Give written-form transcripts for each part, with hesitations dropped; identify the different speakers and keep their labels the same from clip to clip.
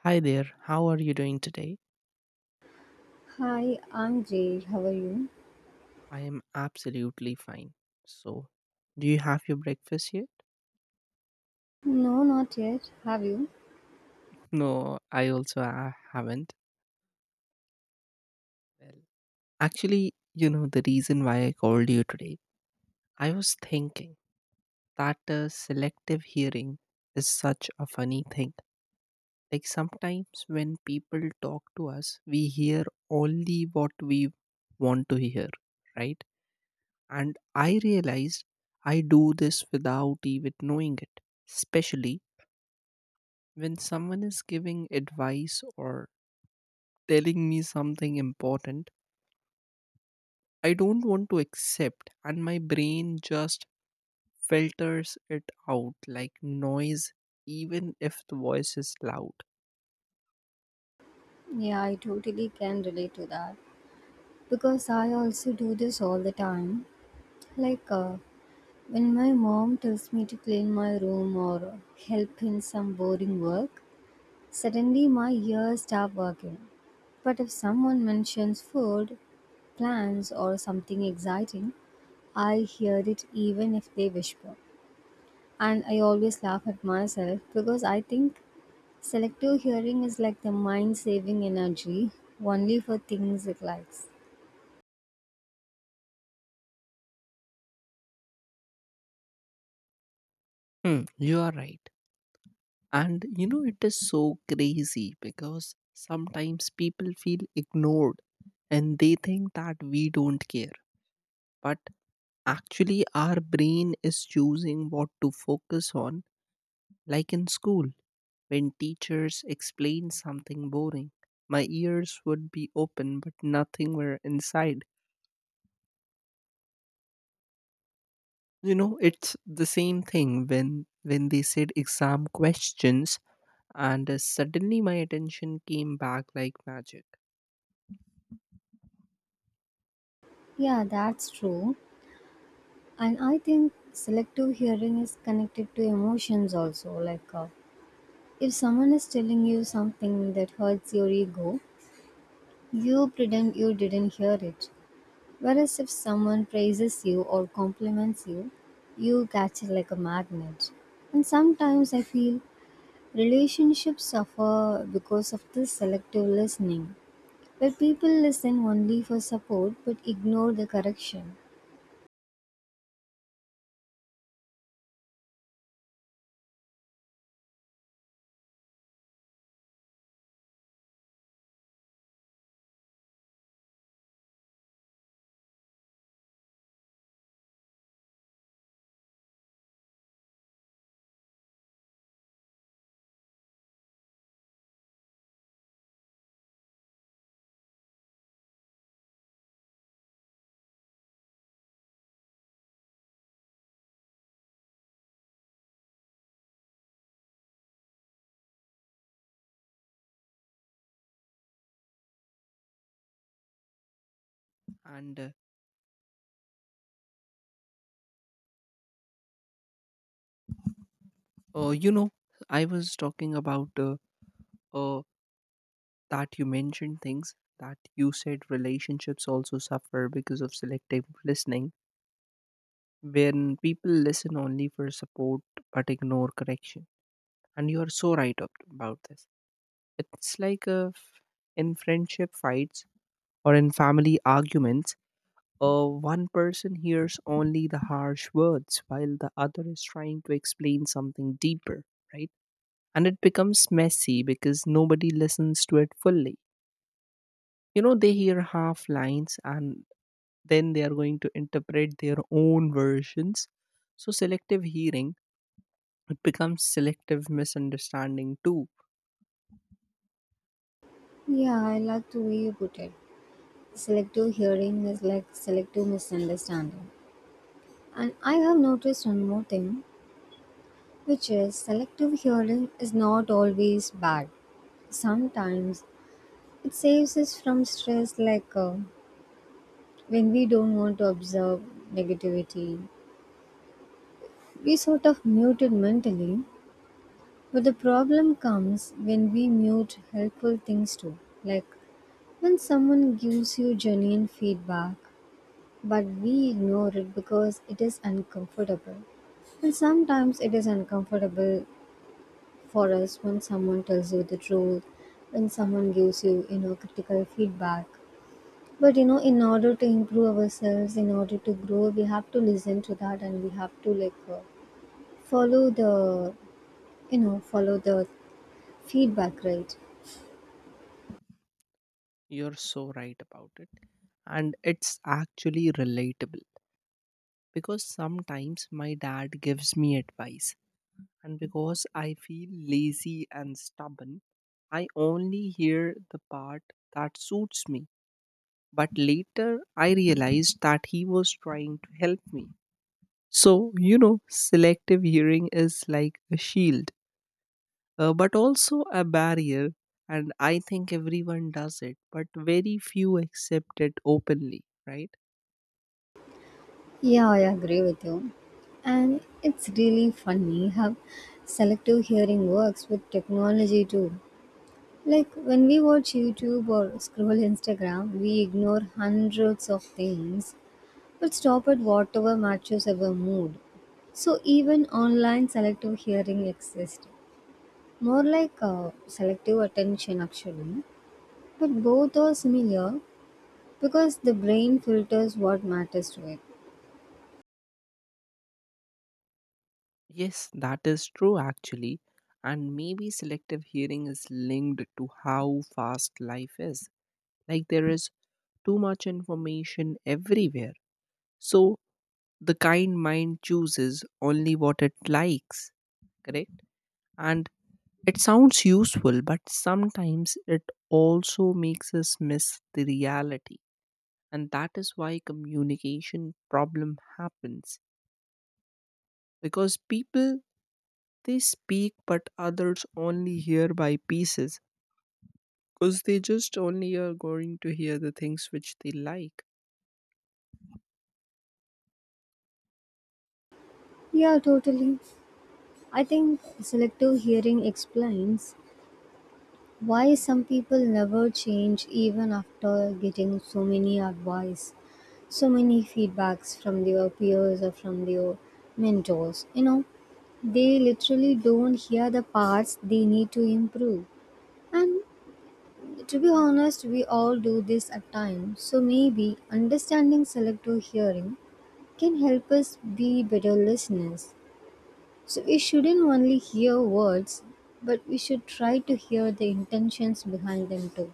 Speaker 1: Hi there, how are you doing today?
Speaker 2: Hi, I'm Jay. How are you?
Speaker 1: I am absolutely fine. So, do you have your breakfast yet?
Speaker 2: No, not yet. Have you?
Speaker 1: No, I also haven't. Well, the reason why I called you today, I was thinking that selective hearing is such a funny thing. Like, sometimes when people talk to us, we hear only what we want to hear, right? And I realized I do this without even knowing it, especially when someone is giving advice or telling me something important, I don't want to accept, and my brain just filters it out like noise, even if the voice is loud.
Speaker 2: Yeah, I totally can relate to that because I also do this all the time. Like uh, when my mom tells me to clean my room or help in some boring work, suddenly my ears stop working. But if someone mentions food, plans, or something exciting, I hear it even if they whisper. And I always laugh at myself because I think selective hearing is like the mind saving energy only for things it likes.
Speaker 1: Hmm, you are right. And you know, it is so crazy because sometimes people feel ignored and they think that we don't care. But actually, our brain is choosing what to focus on, like in school. When teachers explained something boring, my ears would be open but nothing were inside. You know, it's the same thing when they said exam questions and suddenly my attention came back like magic.
Speaker 2: Yeah, that's true. And I think selective hearing is connected to emotions also. If someone is telling you something that hurts your ego, you pretend you didn't hear it. Whereas if someone praises you or compliments you, you catch it like a magnet. And sometimes I feel relationships suffer because of this selective listening where people listen only for support but ignore the correction.
Speaker 1: And you know, I was talking about uh, that you mentioned things that you said relationships also suffer because of selective listening when people listen only for support but ignore correction, and you are so right up about this. It's like in friendship fights or in family arguments, one person hears only the harsh words while the other is trying to explain something deeper, right? And it becomes messy because nobody listens to it fully. You know, they hear half lines and then they are going to interpret their own versions. So selective hearing, it becomes selective misunderstanding too.
Speaker 2: Yeah, I like the way you put it. Selective hearing is like selective misunderstanding. And I have noticed one more thing, which is selective hearing is not always bad. Sometimes it saves us from stress, when we don't want to observe negativity. We sort of mute it mentally, but the problem comes when we mute helpful things too, like when someone gives you genuine feedback, but we ignore it because it is uncomfortable. And sometimes it is uncomfortable for us when someone tells you the truth, when someone gives you, you know, critical feedback. But you know, in order to improve ourselves, in order to grow, we have to listen to that and we have to follow you know, follow the feedback, right?
Speaker 1: You're so right about it. And it's actually relatable because sometimes my dad gives me advice, and because I feel lazy and stubborn, I only hear the part that suits me. But later I realized that he was trying to help me. So, you know, selective hearing is like a shield, but also a barrier. And I think everyone does it, but very few accept it openly, right?
Speaker 2: Yeah, I agree with you. And it's really funny how selective hearing works with technology too. Like when we watch YouTube or scroll Instagram, we ignore hundreds of things but stop at whatever matches our mood. So even online selective hearing exists. More like selective attention actually. But both are similar because the brain filters what matters to it.
Speaker 1: Yes, that is true actually. And maybe selective hearing is linked to how fast life is. Like there is too much information everywhere. So the kind mind chooses only what it likes, correct? And it sounds useful, but sometimes it also makes us miss the reality. And that is why communication problem happens because people, they speak but others only hear by pieces because they just only are going to hear the things which they like.
Speaker 2: Yeah, totally. I think selective hearing explains why some people never change even after getting so many advice, so many feedbacks from their peers or from their mentors. You know, they literally don't hear the parts they need to improve. And to be honest, we all do this at times. So maybe understanding selective hearing can help us be better listeners. So we shouldn't only hear words, but we should try to hear the intentions behind them too.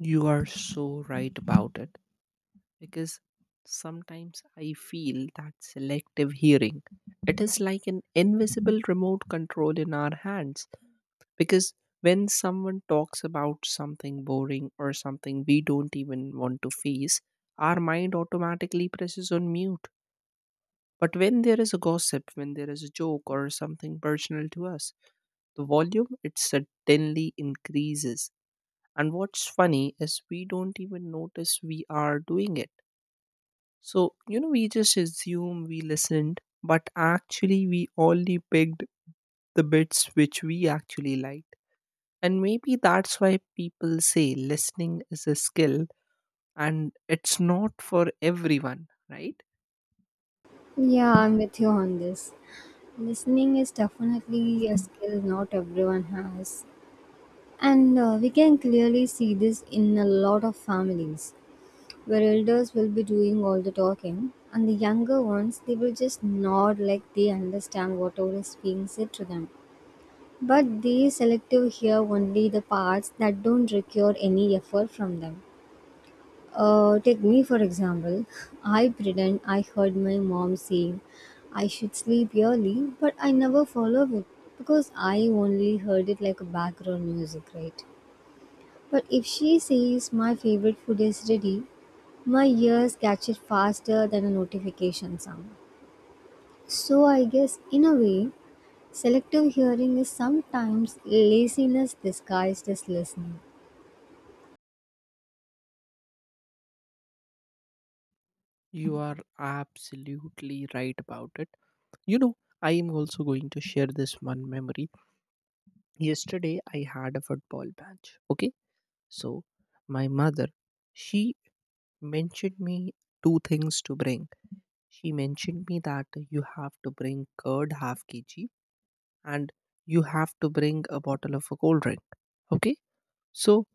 Speaker 1: You are so right about it because sometimes I feel that selective hearing, it is like an invisible remote control in our hands. Because when someone talks about something boring or something we don't even want to face, our mind automatically presses on mute. But when there is a gossip, when there is a joke or something personal to us, the volume, it suddenly increases. And what's funny is we don't even notice we are doing it. So, you know, we just assume we listened, but actually, we only picked the bits which we actually liked. And maybe that's why people say listening is a skill and it's not for everyone, right?
Speaker 2: Yeah, I'm with you on this. Listening is definitely a skill not everyone has. And we can clearly see this in a lot of families where elders will be doing all the talking and the younger ones they will just nod like they understand whatever is being said to them. But they selective hear only the parts that don't require any effort from them. Take me for example. I pretend I heard my mom saying I should sleep early, but I never follow it because I only heard it like a background music, right? But if she says my favorite food is ready, my ears catch it faster than a notification sound. So I guess in a way, selective hearing is sometimes laziness disguised as listening.
Speaker 1: You are absolutely right about it. You know, I am also going to share this one memory. Yesterday, I had a football match. Okay. So, my mother, she mentioned me two things to bring. She mentioned me that you have to bring curd half kg and you have to bring a bottle of a cold drink. Okay. So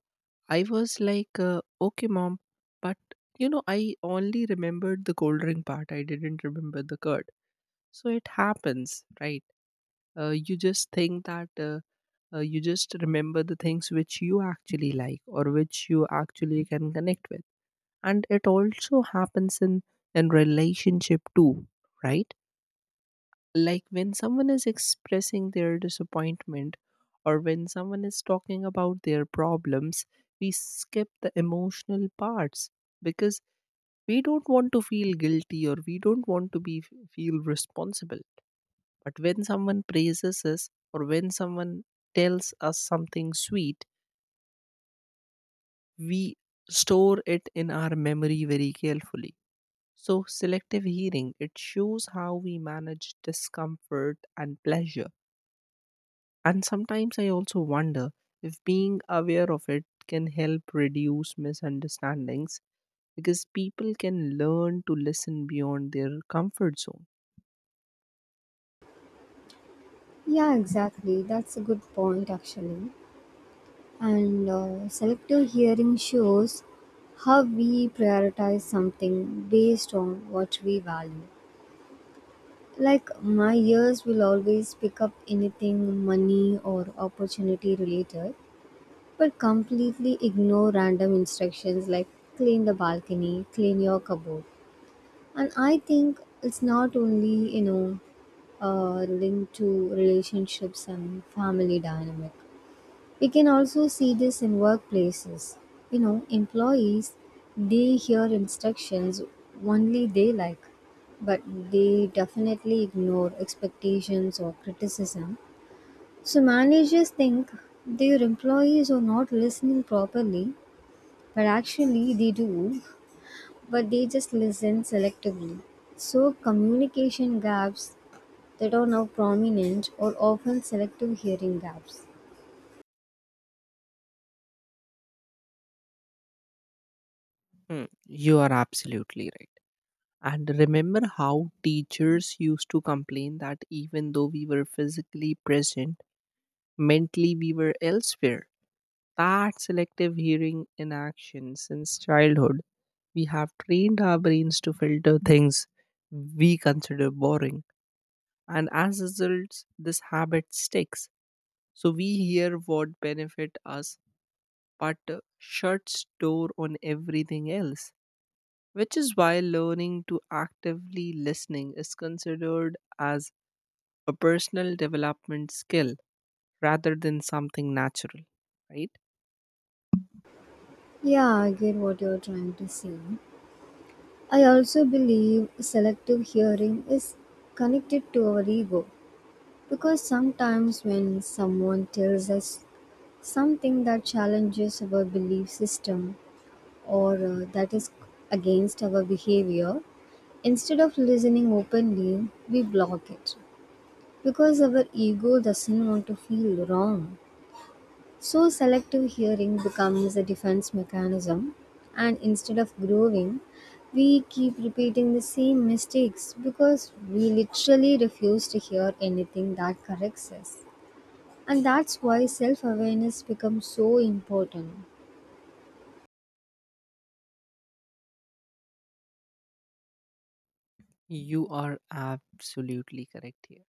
Speaker 1: I was like, okay, mom, but you know, I only remembered the cold drink part. I didn't remember the curd. So it happens, right? You just think that you just remember the things which you actually like or which you actually can connect with. And it also happens in relationship too, right? Like when someone is expressing their disappointment or when someone is talking about their problems, we skip the emotional parts because we don't want to feel guilty or we don't want to be feel responsible. But when someone praises us or when someone tells us something sweet, we store it in our memory very carefully. So, selective hearing, it shows how we manage discomfort and pleasure. And sometimes I also wonder if being aware of it can help reduce misunderstandings because people can learn to listen beyond their comfort zone.
Speaker 2: Yeah, exactly. That's a good point actually. And selective hearing shows how we prioritize something based on what we value. Like my ears will always pick up anything money or opportunity related, but completely ignore random instructions like clean the balcony, clean your cupboard. And I think it's not only, you know, linked to relationships and family dynamic. We can also see this in workplaces. You know, employees they hear instructions only they like, but they definitely ignore expectations or criticism. So managers think their employees are not listening properly, but actually they do, but they just listen selectively. So communication gaps that are now prominent are often selective hearing gaps.
Speaker 1: Hmm, you are absolutely right. And remember how teachers used to complain that even though we were physically present, mentally we were elsewhere. That selective hearing in action since childhood. We have trained our brains to filter things we consider boring, and as results, this habit sticks. So we hear what benefit us, but shuts door on everything else. Which is why learning to actively listening is considered as a personal development skill rather than something natural, right?
Speaker 2: Yeah, I get what you're trying to say. I also believe selective hearing is connected to our ego because sometimes when someone tells us something that challenges our belief system or that is against our behavior, instead of listening openly, we block it because our ego doesn't want to feel wrong. So, selective hearing becomes a defense mechanism, and instead of growing, we keep repeating the same mistakes because we literally refuse to hear anything that corrects us. And that's why self awareness becomes so important.
Speaker 1: You are absolutely correct here.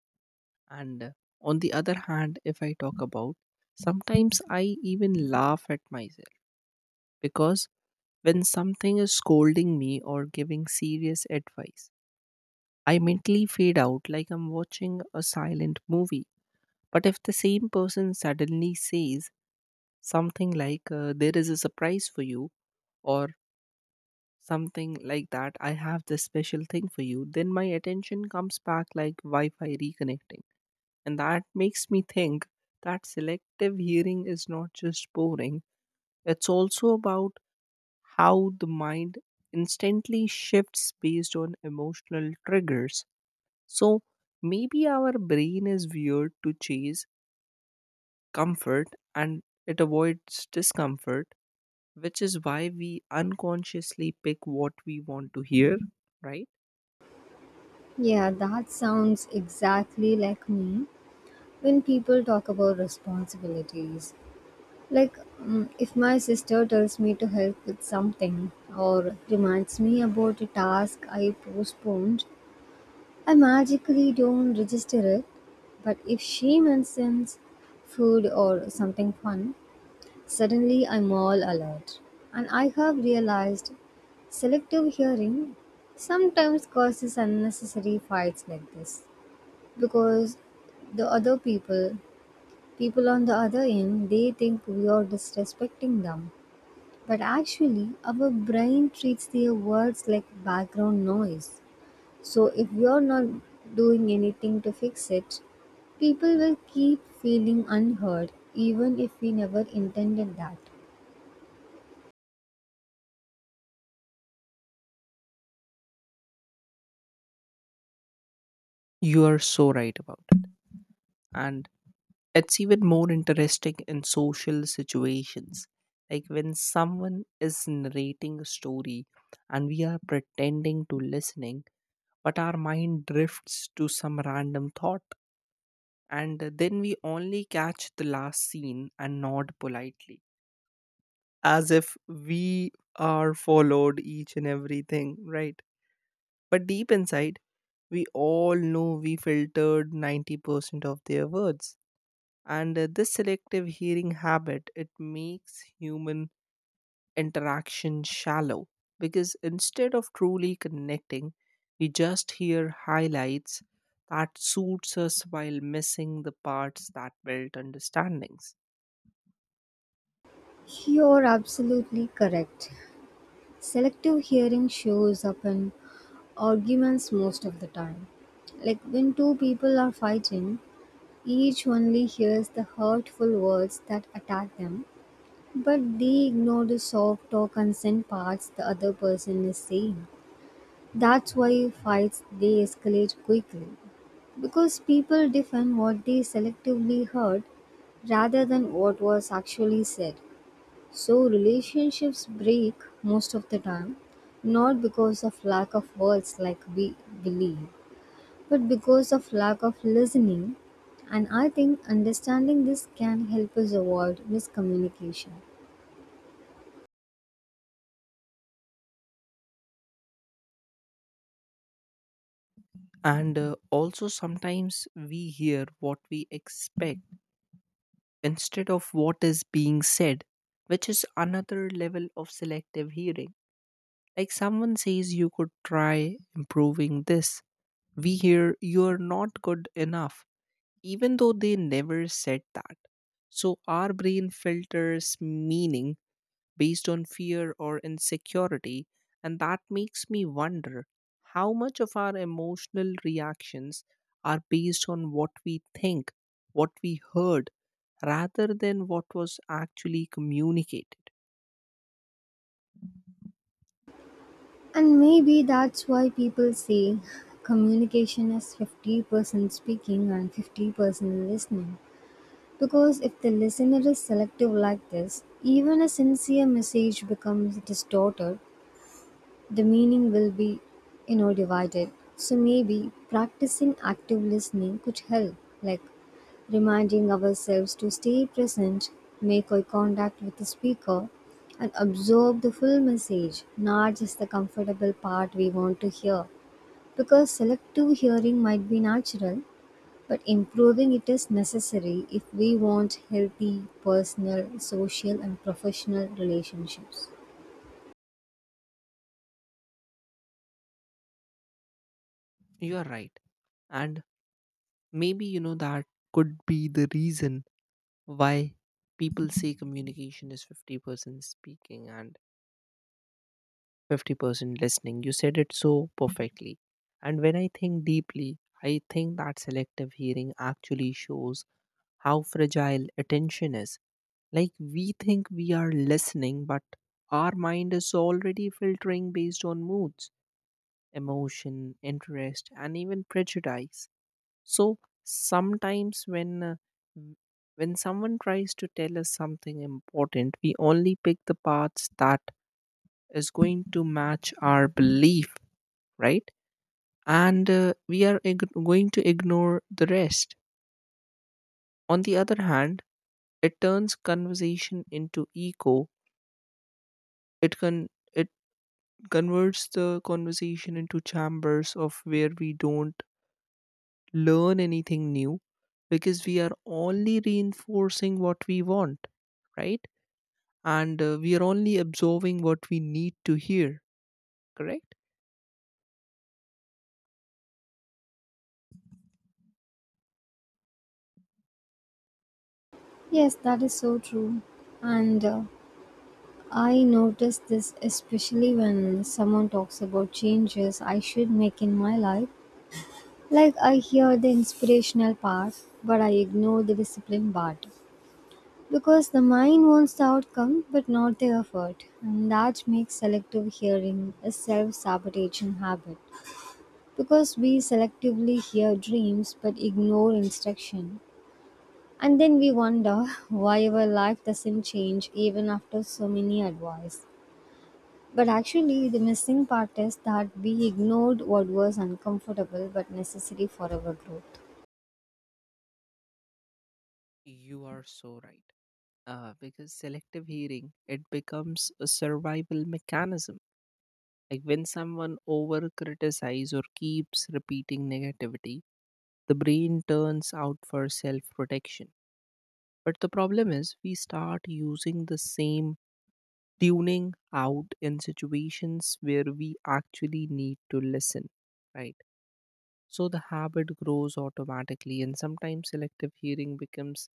Speaker 1: And on the other hand, if I talk about, sometimes I even laugh at myself because when something is scolding me or giving serious advice, I mentally fade out like I'm watching a silent movie. But if the same person suddenly says something like, there is a surprise for you, or something like that, I have this special thing for you, then my attention comes back like Wi Fi reconnecting. And that makes me think that selective hearing is not just boring, it's also about how the mind instantly shifts based on emotional triggers. So maybe our brain is wired to chase comfort and it avoids discomfort, which is why we unconsciously pick what we want to hear, right?
Speaker 2: Yeah, that sounds exactly like me when people talk about responsibilities. If my sister tells me to help with something or reminds me about a task I postponed, I magically don't register it, but if she mentions food or something fun, suddenly I'm all alert. And I have realized selective hearing sometimes causes unnecessary fights like this because the other people, people on the other end, they think we are disrespecting them. But actually, our brain treats their words like background noise. So if you're not doing anything to fix it, people will keep feeling unheard even if we never intended that.
Speaker 1: You are so right about it. And it's even more interesting in social situations. Like when someone is narrating a story and we are pretending to listening, but our mind drifts to some random thought. And then we only catch the last scene and nod politely, as if we are followed each and everything, right? But deep inside, we all know we filtered 90% of their words. And this selective hearing habit, it makes human interaction shallow because instead of truly connecting, we just hear highlights that suits us while missing the parts that build understandings.
Speaker 2: You're absolutely correct. Selective hearing shows up in arguments most of the time. Like when two people are fighting, each only hears the hurtful words that attack them, but they ignore the soft or consent parts the other person is saying. That's why fights they escalate quickly. Because people defend what they selectively heard rather than what was actually said. So relationships break most of the time, not because of lack of words like we believe, but because of lack of listening. And I think understanding this can help us avoid miscommunication.
Speaker 1: And also sometimes we hear what we expect instead of what is being said, which is another level of selective hearing. Like someone says you could try improving this, we hear you're not good enough, even though they never said that. So our brain filters meaning based on fear or insecurity, and that makes me wonder how much of our emotional reactions are based on what we think, what we heard, rather than what was actually communicated.
Speaker 2: And maybe that's why people say communication is 50% speaking and 50% listening. Because if the listener is selective like this, even a sincere message becomes distorted, the meaning will be, you know, divided. So maybe practicing active listening could help, like reminding ourselves to stay present, make eye contact with the speaker, and absorb the full message, not just the comfortable part we want to hear. Because selective hearing might be natural, but improving it is necessary if we want healthy personal, social, and professional relationships.
Speaker 1: You are right. And maybe, you know, that could be the reason why people say communication is 50% speaking and 50% listening. You said it so perfectly. And when I think deeply, I think that selective hearing actually shows how fragile attention is. Like we think we are listening, but our mind is already filtering based on moods, emotion, interest, and even prejudice. So sometimes w- when someone tries to tell us something important, we only pick the parts that is going to match our belief, right? And going to ignore the rest. On the other hand, it turns conversation into echo. It can it converts the conversation into chambers of where we don't learn anything new because we are only reinforcing what we want, right? And we are only absorbing what we need to hear, correct?
Speaker 2: Yes, that is so true. And I notice this especially when someone talks about changes I should make in my life. Like I hear the inspirational part, but I ignore the discipline part. Because the mind wants the outcome but not the effort, and that makes selective hearing a self sabotaging habit. Because we selectively hear dreams but ignore instruction. And then we wonder why our life doesn't change even after so many advice. But actually, the missing part is that we ignored what was uncomfortable but necessary for our growth.
Speaker 1: You are so right. Because selective hearing, it becomes a survival mechanism. Like when someone over criticizes or keeps repeating negativity, the brain turns out for self protection. But the problem is, we start using the same tuning out in situations where we actually need to listen, right? So the habit grows automatically, and sometimes selective hearing becomes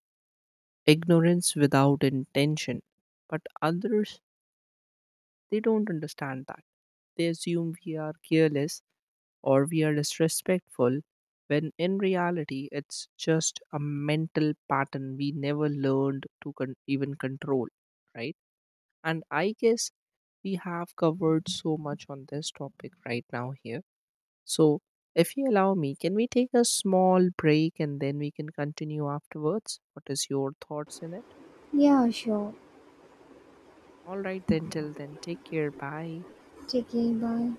Speaker 1: ignorance without intention. But others, they don't understand that. They assume we are careless or we are disrespectful, when in reality, it's just a mental pattern we never learned to even control, right? And I guess we have covered so much on this topic right now here. So, if you allow me, can we take a small break and then we can continue afterwards? What is your thoughts in it?
Speaker 2: Yeah, sure.
Speaker 1: All right, then, till then, take care. Bye.
Speaker 2: Take care. Bye.